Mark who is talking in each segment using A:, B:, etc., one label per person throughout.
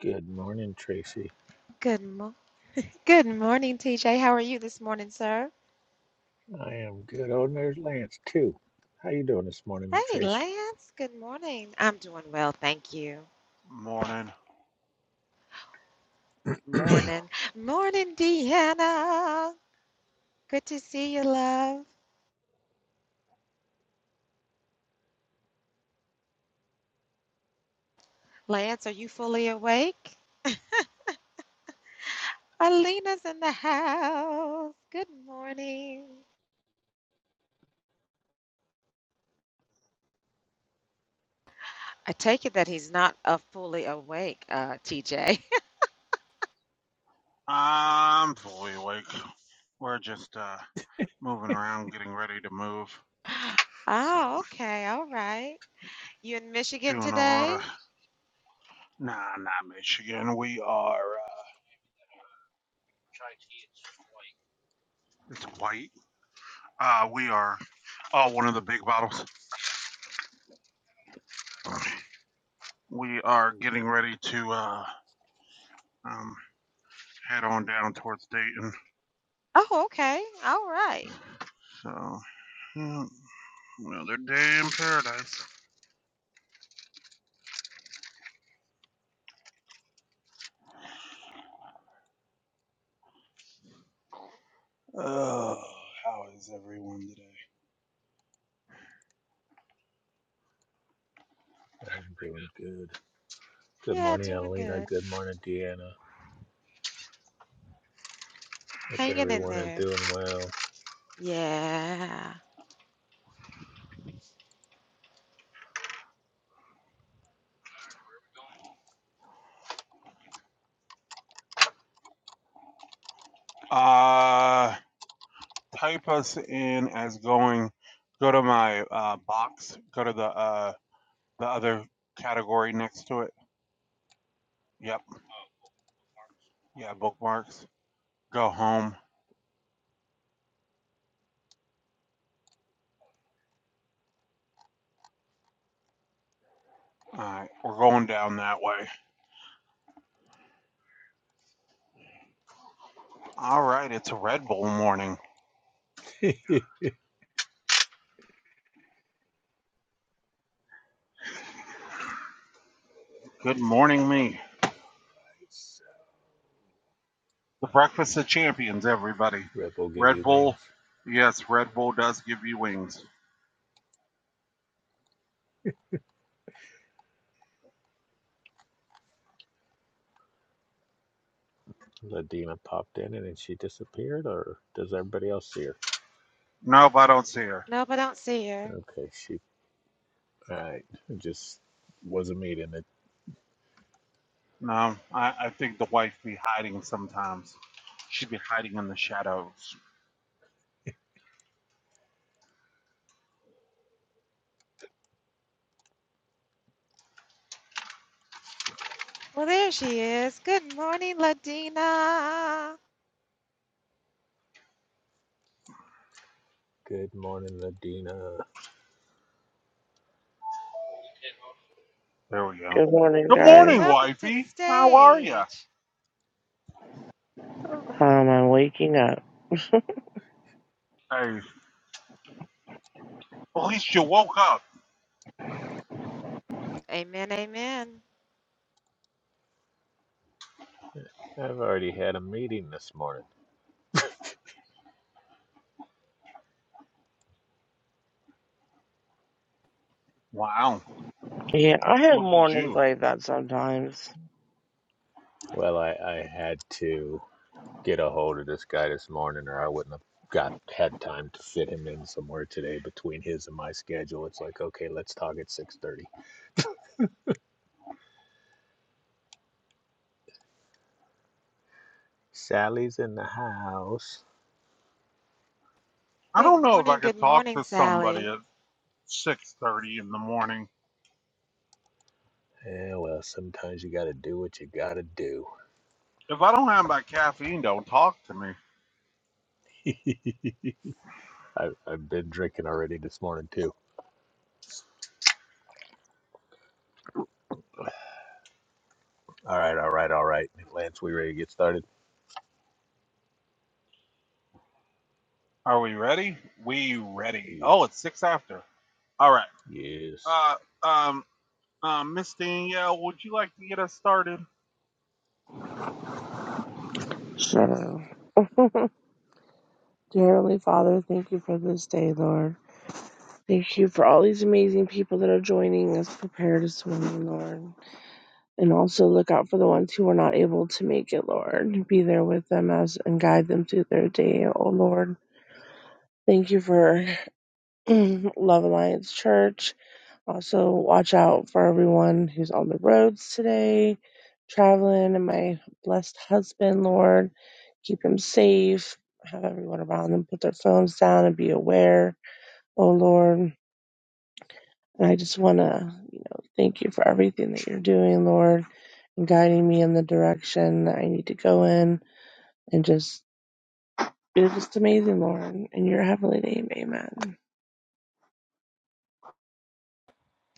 A: Good morning, Tracy.
B: Good mo- good morning, TJ. How are you this morning, sir?
A: I am good. Oh, and there's Lance too. How you doing this morning,
B: Hey,
A: Trace?
B: Lance. Good morning. I'm doing well, thank you.
A: I'm
B: Morning. Morning, Deanna. Good to see you, love. Lance, are you fully awake? Alina's in the house. Good morning. I take it that he's not uh, fully awake, uh, TJ. Oh, okay. All right. You in Michigan today? Oh, okay. All right.
A: doing good. Good
B: Yeah,
A: morning,
B: doing
A: Alina.
B: good.
A: Good morning, Deanna. Hope
B: Hanging in
A: everyone is
B: there.
A: doing well.
B: Yeah.
A: It's- Red Bull give you wings. Ladina popped in and then she disappeared, or does everybody else see her?
B: Nope, I don't see her.
A: Okay, she. All right, it just was a meeting.
B: Well, there she is. Good morning, Ladina.
A: Good morning, Ladina.
C: Good morning, guys.
B: Welcome to the stage.
C: Um, I'm waking up.
B: Amen, amen.
A: I've already had a meeting this morning.
C: Yeah, I have mornings like that sometimes.
A: Well, I, I had to. get a hold of this guy this morning, or I wouldn't have got had time to fit him in somewhere today between his and my schedule. It's like, okay, let's talk at six thirty. Sally's in the house.
B: Good morning, good morning, Sally.
A: Yeah, well, sometimes you got to do what you got to do. I, I've been drinking already this morning too. All right, all right, all right. Lance, we ready to get started? Ye- Yes.
C: So, dear Heavenly Father, thank you for this day, Lord. Thank you for all these amazing people that are joining us prepare to swim, Lord. And also look out for the ones who are not able to make it, Lord. Be there with them as and guide them through their day, oh Lord. Thank you for Love Alliance Church. Also, watch out for everyone who's on the roads today, traveling, and my blessed husband, Lord. Keep him safe. Have everyone around them put their phones down and be aware, oh Lord. And I just want to, you know, thank you for everything that you're doing, Lord, and guiding me in the direction that I need to go in. And just, you're just amazing, Lord. In your heavenly name, amen.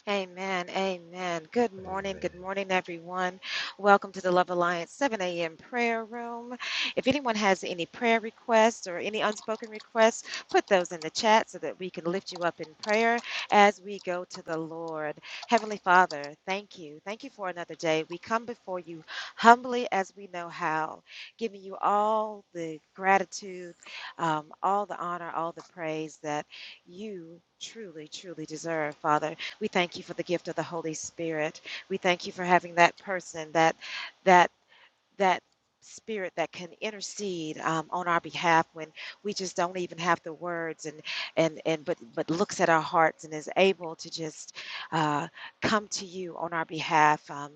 B: Amen. Amen. Good morning.
A: Amen.
B: Good morning, everyone. Welcome to the Love Alliance 7 a.m. prayer room. If anyone has any prayer requests or any unspoken requests, put those in the chat so that we can lift you up in prayer as we go to the Lord. Heavenly Father, thank you. Thank you for another day. We come before you humbly as we know how, giving you all the gratitude, um, all the honor, all the praise that you truly, truly deserve, Father. We thank you for the gift of the Holy Spirit. We thank you for having that person that that that spirit that can intercede um, on our behalf when we just don't even have the words and and and but but looks at our hearts and is able to just uh, come to you on our behalf um,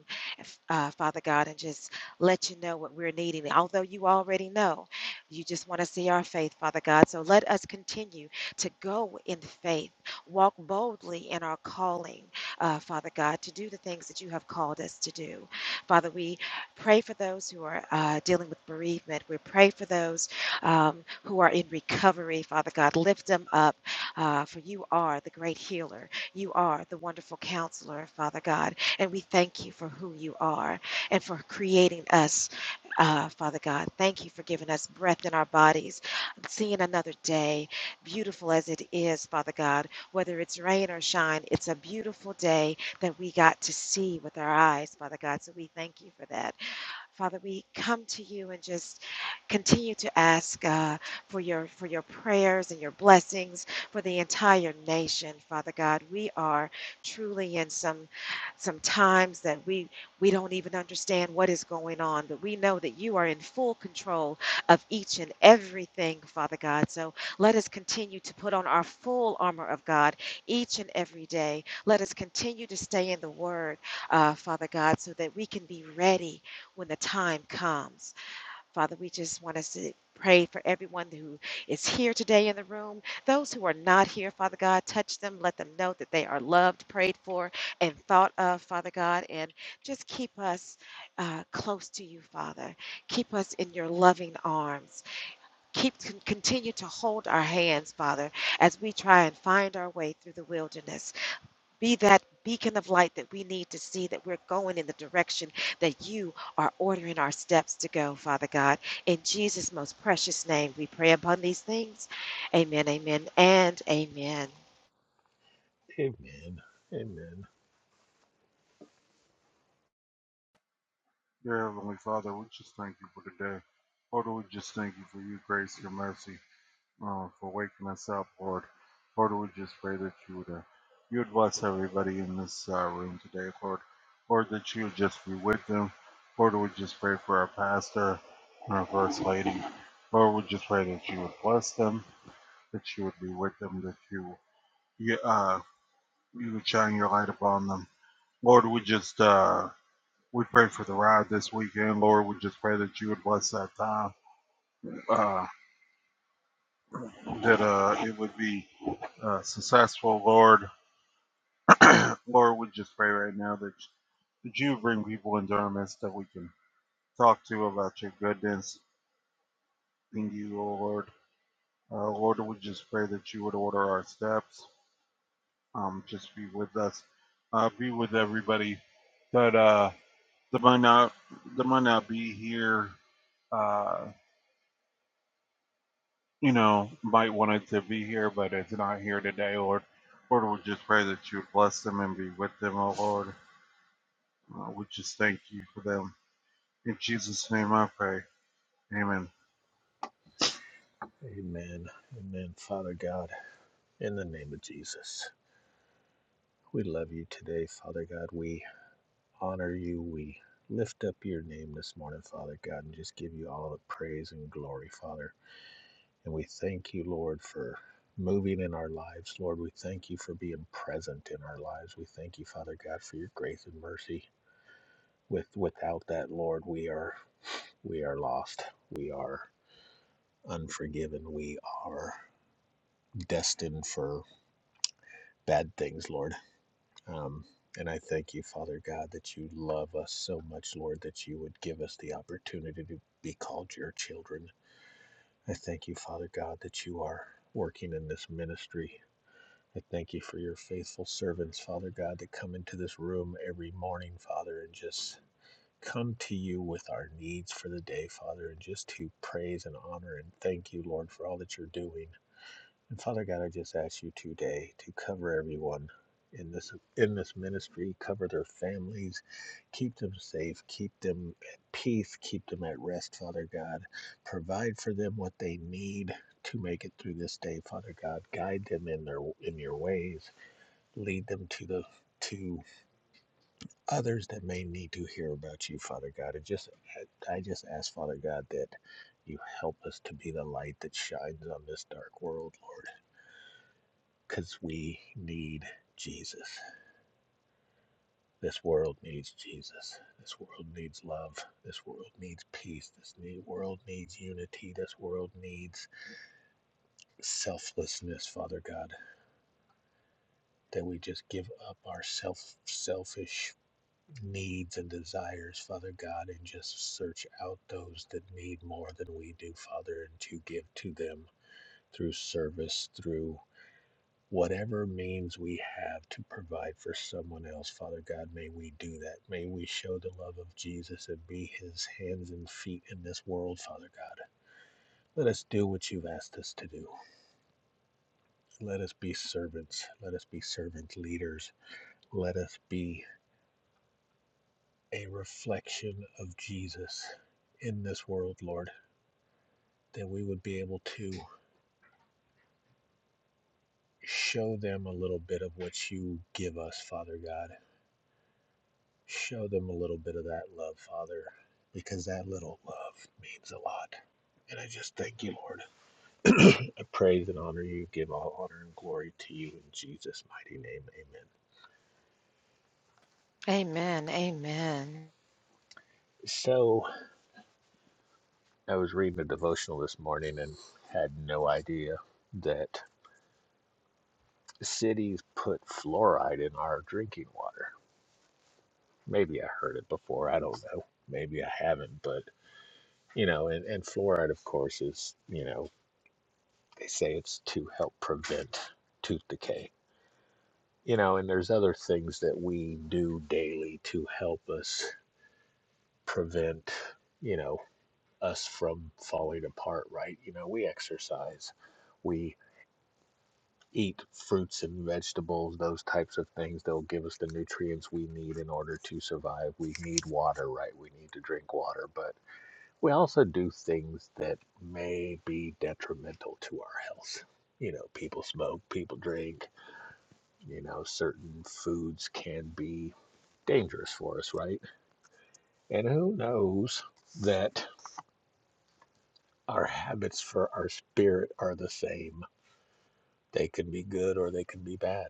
B: uh, father god and just let you know what we're needing although you already know you just want to see our faith father god so let us continue to go in faith walk boldly in our calling uh, father god to do the things that you have called us to do father we Pray for those who are uh, dealing with bereavement. We pray for those um, who are in recovery, Father God. Lift them up, uh, for you are the great healer. You are the wonderful counselor, Father God. And we thank you for who you are and for creating us. Uh, Father God, thank you for giving us breath in our bodies, seeing another day, beautiful as it is, Father God. Whether it's rain or shine, it's a beautiful day that we got to see with our eyes, Father God. So we thank you for that. Father, we come to you and just continue to ask uh, for your for your prayers and your blessings for the entire nation, Father God. We are truly in some some times that we we don't even understand what is going on, but we know that you are in full control of each and everything, Father God. So let us continue to put on our full armor of God each and every day. Let us continue to stay in the Word, uh, Father God, so that we can be ready when the time comes. Father, we just want us to pray for everyone who is here today in the room. Those who are not here, Father God, touch them. Let them know that they are loved, prayed for, and thought of, Father God. And just keep us uh, close to you, Father. Keep us in your loving arms. Keep con- continue to hold our hands, Father, as we try and find our way through the wilderness. Be that beacon of light that we need to see that we're going in the direction that you are ordering our steps to go, Father God. In Jesus' most precious name, we pray upon these things. Amen, amen, and amen.
A: Amen. Amen. Amen. Amen. Father God, in the name of Jesus, we love you today, Father God. We honor you. We lift up your name this morning, Father God, and just give you all the praise and glory, Father. And we thank you, Lord, for moving in our lives. Lord, we thank you for being present in our lives. We thank you, Father God, for your grace and mercy. With without that, Lord, we are we are lost. We are unforgiven. We are destined for bad things, Lord. Um, and I thank you, Father God, that you love us so much, Lord, that you would give us the opportunity to be called your children. I thank you, Father God, that you are working in this ministry. I thank you for your faithful servants, Father God, that come into this room every morning, Father, and just come to you with our needs for the day, Father, and just to praise and honor and thank you, Lord, for all that you're doing. And Father God, I just ask you today to cover everyone in this in this ministry, cover their families, keep them safe, keep them at peace, keep them at rest, Father God. Provide for them what they need to make it through this day, Father God. Guide them in their in your ways. Lead them to the to others that may need to hear about you, Father God. And just I just ask, Father God, that you help us to be the light that shines on this dark world, Lord because we need Jesus. This world needs Jesus. This world needs love. This world needs peace. This ne- world needs unity. This world needs selflessness, Father God, that we just give up our self selfish needs and desires, Father God, and just search out those that need more than we do, Father, and to give to them through service, through whatever means we have to provide for someone else, Father God, may we do that. May we show the love of Jesus and be his hands and feet in this world, Father God. Let us do what you've asked us to do. Let us be servants. Let us be servant leaders. Let us be a reflection of Jesus in this world, Lord, that we would be able to show them a little bit of what you give us, Father God Show them a little bit of that love, Father, because that little love means a lot. And I just thank you, Lord. I praise and honor you, give all honor and glory to you in Jesus' mighty name. Amen.
B: Amen. Amen.
A: So, I was reading a devotional this morning and had no idea that cities put fluoride in our drinking water. Maybe I heard it before, I don't know. Maybe I haven't, but you know, and, and fluoride, of course, is, you know, they say it's to help prevent tooth decay you know, and there's other things that we do daily to help us prevent, you know, us from falling apart, right? You know, we exercise, we eat fruits and vegetables, those types of things. They'll give us the nutrients we need in order to survive. We need water, right? We need to drink water, but we also do things that may be detrimental to our health. You know, people smoke, people drink, you know, certain foods can be dangerous for us, right? And who knows that our habits for our spirit are the same? They can be good or they can be bad.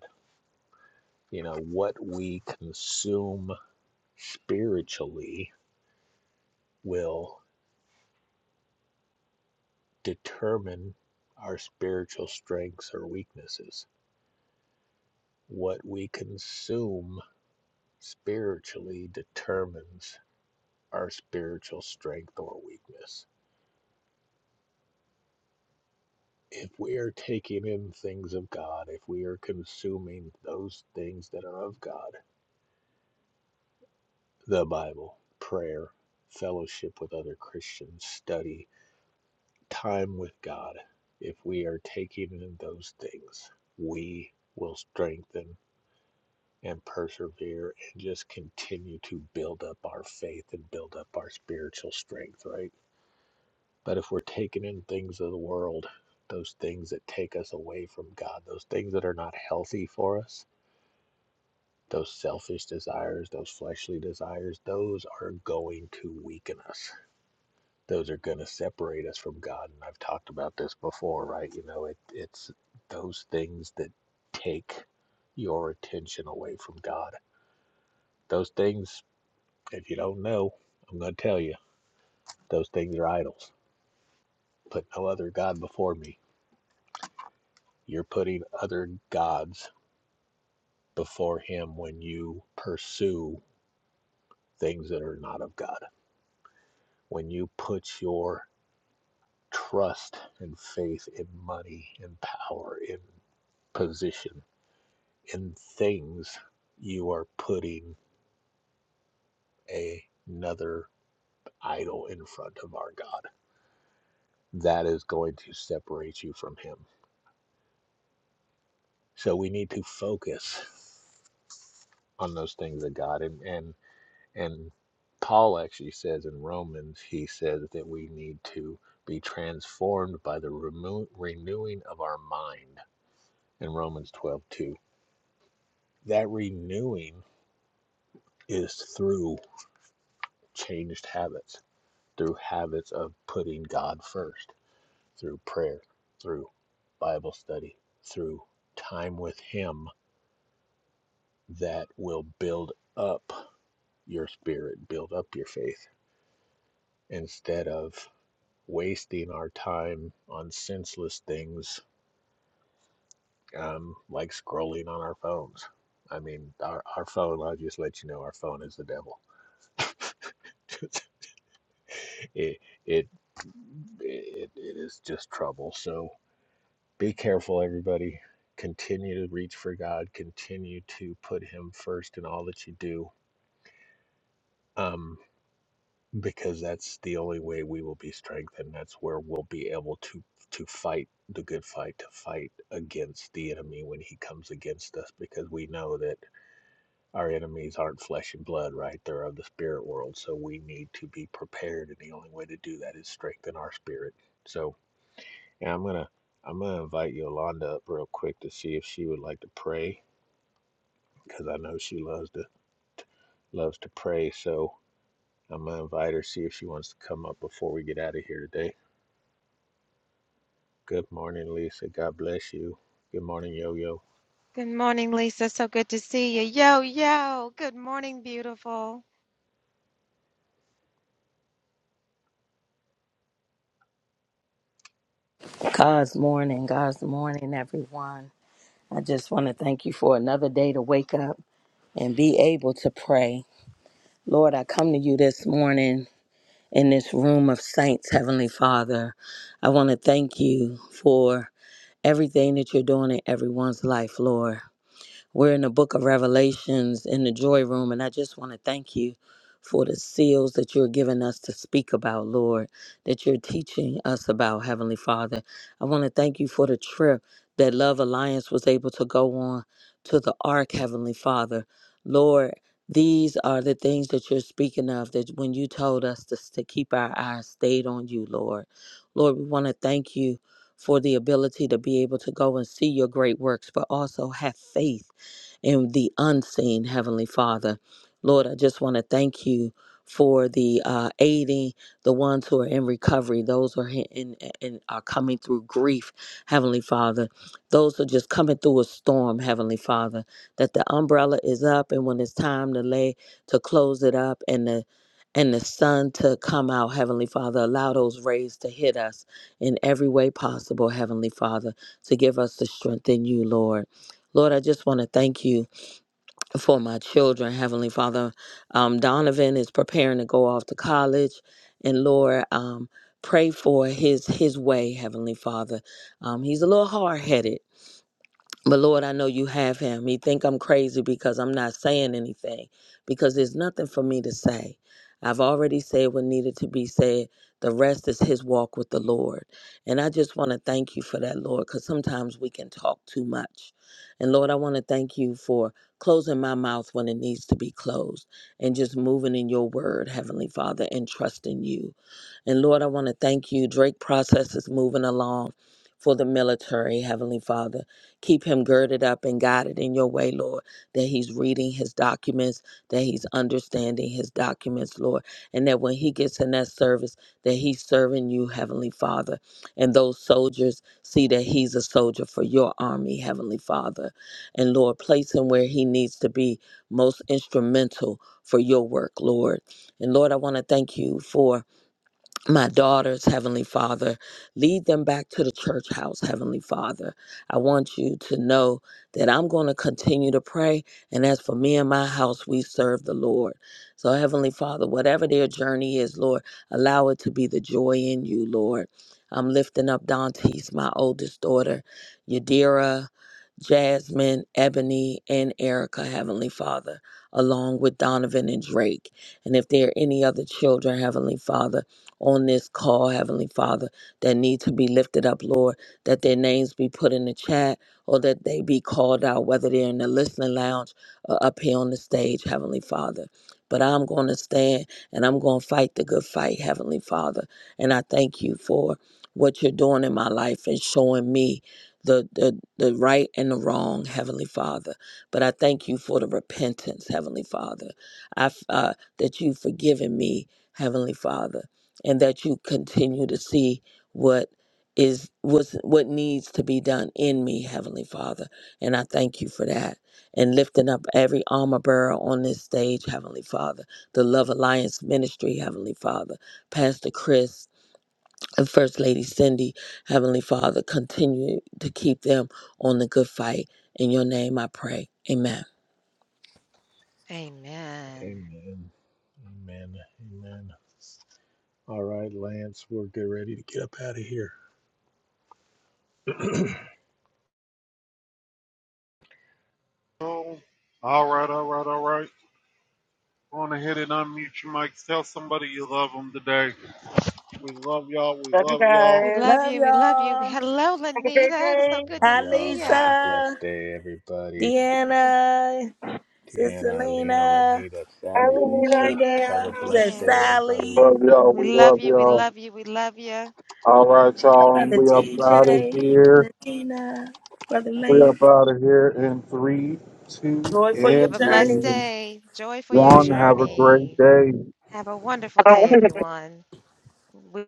A: You know, what we consume spiritually will determine our spiritual strengths or weaknesses. What we consume spiritually determines our spiritual strength or weakness if we are taking in things of God, if we are consuming those things that are of God, the Bible, prayer, fellowship with other Christians, study, time with God, if we are taking in those things, we will strengthen and persevere and just continue to build up our faith and build up our spiritual strength, right? But if we're taking in things of the world, those things that take us away from God, those things that are not healthy for us, Those selfish desires, those fleshly desires, those are going to weaken us. Those are going to separate us from God. And I've talked about this before, right? You know, it, it's those things that take your attention away from God. Those things, if you don't know, I'm going to tell you, those things are idols. Put no other God before me. You're putting other gods before Him when you pursue things that are not of God. When you put your trust and faith in money, in power, in position, in things, you are putting a- another idol in front of our God. That is going to separate you from Him. So we need to focus on those things of God. And, and, and Paul actually says in Romans, he says that we need to be transformed by the remo- renewing of our mind in Romans 12 2. That renewing is through changed habits, through habits of putting God first, through prayer, through Bible study, through time with Him that will build up your spirit, build up your faith, instead of wasting our time on senseless things um, like scrolling on our phones. I mean, our, our phone, I'll just let you know, our phone is the devil. it it it, it is just trouble. So be careful, everybody. Continue to reach for God. Continue to put Him first in all that you do, um, because that's the only way we will be strengthened. That's where we'll be able to to fight the good fight, to fight against the enemy when he comes against us, because we know that our enemies aren't flesh and blood, right? They're of the spirit world. So we need to be prepared, and the only way to do that is strengthen our spirit. So Yeah, I'm gonna I'm gonna invite Yolanda up real quick to see if she would like to pray because I know she loves to loves to pray. So I'm gonna invite her see if she wants to come up before we get out of here today. Good morning, Lisa. God bless you. Good morning, Yo Yo.
B: Good morning, Lisa. So good to see you. Yo, yo. Good morning, beautiful.
D: God's morning, God's morning, everyone. I just want to thank you for another day to wake up and be able to pray. Lord, I come to you this morning in this room of saints, Heavenly Father. I want to thank you for everything that you're doing in everyone's life, Lord. We're in the book of Revelations in the joy room, and I just want to thank you for the seals that you're giving us to speak about, Lord, that you're teaching us about, Heavenly Father. I want to thank you for the trip that Love Alliance was able to go on to the Ark, Heavenly Father. Lord, these are the things that you're speaking of, that when you told us to, to keep our eyes stayed on you, Lord. Lord, we want to thank you for the ability to be able to go and see your great works, but also have faith and the unseen, Heavenly Father. Lord, I just want to thank you for the uh, aiding the ones who are in recovery, those who are in, in, are coming through grief, Heavenly Father, those who are just coming through a storm, Heavenly Father, that the umbrella is up, and when it's time to lay to close it up, and the and the sun to come out, Heavenly Father. Allow those rays to hit us in every way possible, Heavenly Father, to give us the strength in you, Lord. Lord, I just want to thank you for my children, Heavenly Father. Um, Donovan is preparing to go off to college, and Lord, um, pray for his his way, Heavenly Father. Um, he's a little hard headed, but Lord, I know you have him. He think I'm crazy because I'm not saying anything because there's nothing for me to say. I've already said what needed to be said. The rest is his walk with the Lord. And I just want to thank you for that, Lord, because sometimes we can talk too much. And Lord, I want to thank you for closing my mouth when it needs to be closed and just moving in your word, Heavenly Father, and trusting you. And Lord, I want to thank you. Drake process is moving along for the military, Heavenly Father. Keep him girded up and guided in your way, Lord, that he's reading his documents, that he's understanding his documents, Lord, and that when he gets in that service, that he's serving you, Heavenly Father. And those soldiers see that he's a soldier for your army, Heavenly Father. And Lord, place him where he needs to be most instrumental for your work, Lord. And Lord, I want to thank you for my daughters, Heavenly Father. Lead them back to the church house, Heavenly Father. I want you to know that I'm going to continue to pray. And as for me and my house, we serve the Lord. So, Heavenly Father, whatever their journey is, Lord, allow it to be the joy in you, Lord. I'm lifting up Dante's, my oldest daughter, Yadira. Jasmine, Ebony, and Erica, Heavenly Father, along with Donovan and Drake. And if there are any other children, Heavenly Father, on this call, Heavenly Father, that need to be lifted up, Lord, that their names be put in the chat or that they be called out, whether they're in the listening lounge or up here on the stage, Heavenly Father. But I'm going to stand and I'm going to fight the good fight, Heavenly Father. And I thank you for what you're doing in my life and showing me the, the, the right and the wrong, Heavenly Father. But I thank you for the repentance, Heavenly Father. I, f- uh, that you've forgiven me, Heavenly Father and that you continue to see what is was what needs to be done in me heavenly father and i thank you for that and lifting up every armor bearer on this stage heavenly father the love alliance ministry heavenly father pastor chris and first lady cindy heavenly father continue to keep them on the good fight in your name i pray amen
B: Amen.
A: Amen. Amen. Amen. All right, Lance, we're get ready to get up out of here.
C: Love you
B: We
C: guys.
B: love
D: Love
B: you. We love you.
D: y'all.
B: Hello,
C: Have a great
B: Lanita. So
C: day.
B: good
A: Love
B: to
D: Hi,
A: y'all.
B: see
A: Have
B: ya.
A: a
D: Lisa,
A: blessed day, everybody.
D: Deanna, Sister
A: Deanna, Alina,
D: Lena.
A: Lanita,
C: I
A: Sally,
C: will leave
A: Lisa.
C: idea.
A: Have a
D: Nita, is that
A: blessed
B: Yes.
A: day, everybody.
D: Sally,
B: We love you. We love you. We love you.
D: Brother TJ, Latina, Brother Lance.
E: out of here in three, two,
D: Joy for your
B: Have
E: and
B: a blessed
D: journey.
B: day. Joy for your
E: one.
A: See
E: Have a
A: y'all.
E: great
B: journey.
E: day.
B: Have a wonderful day, everyone. We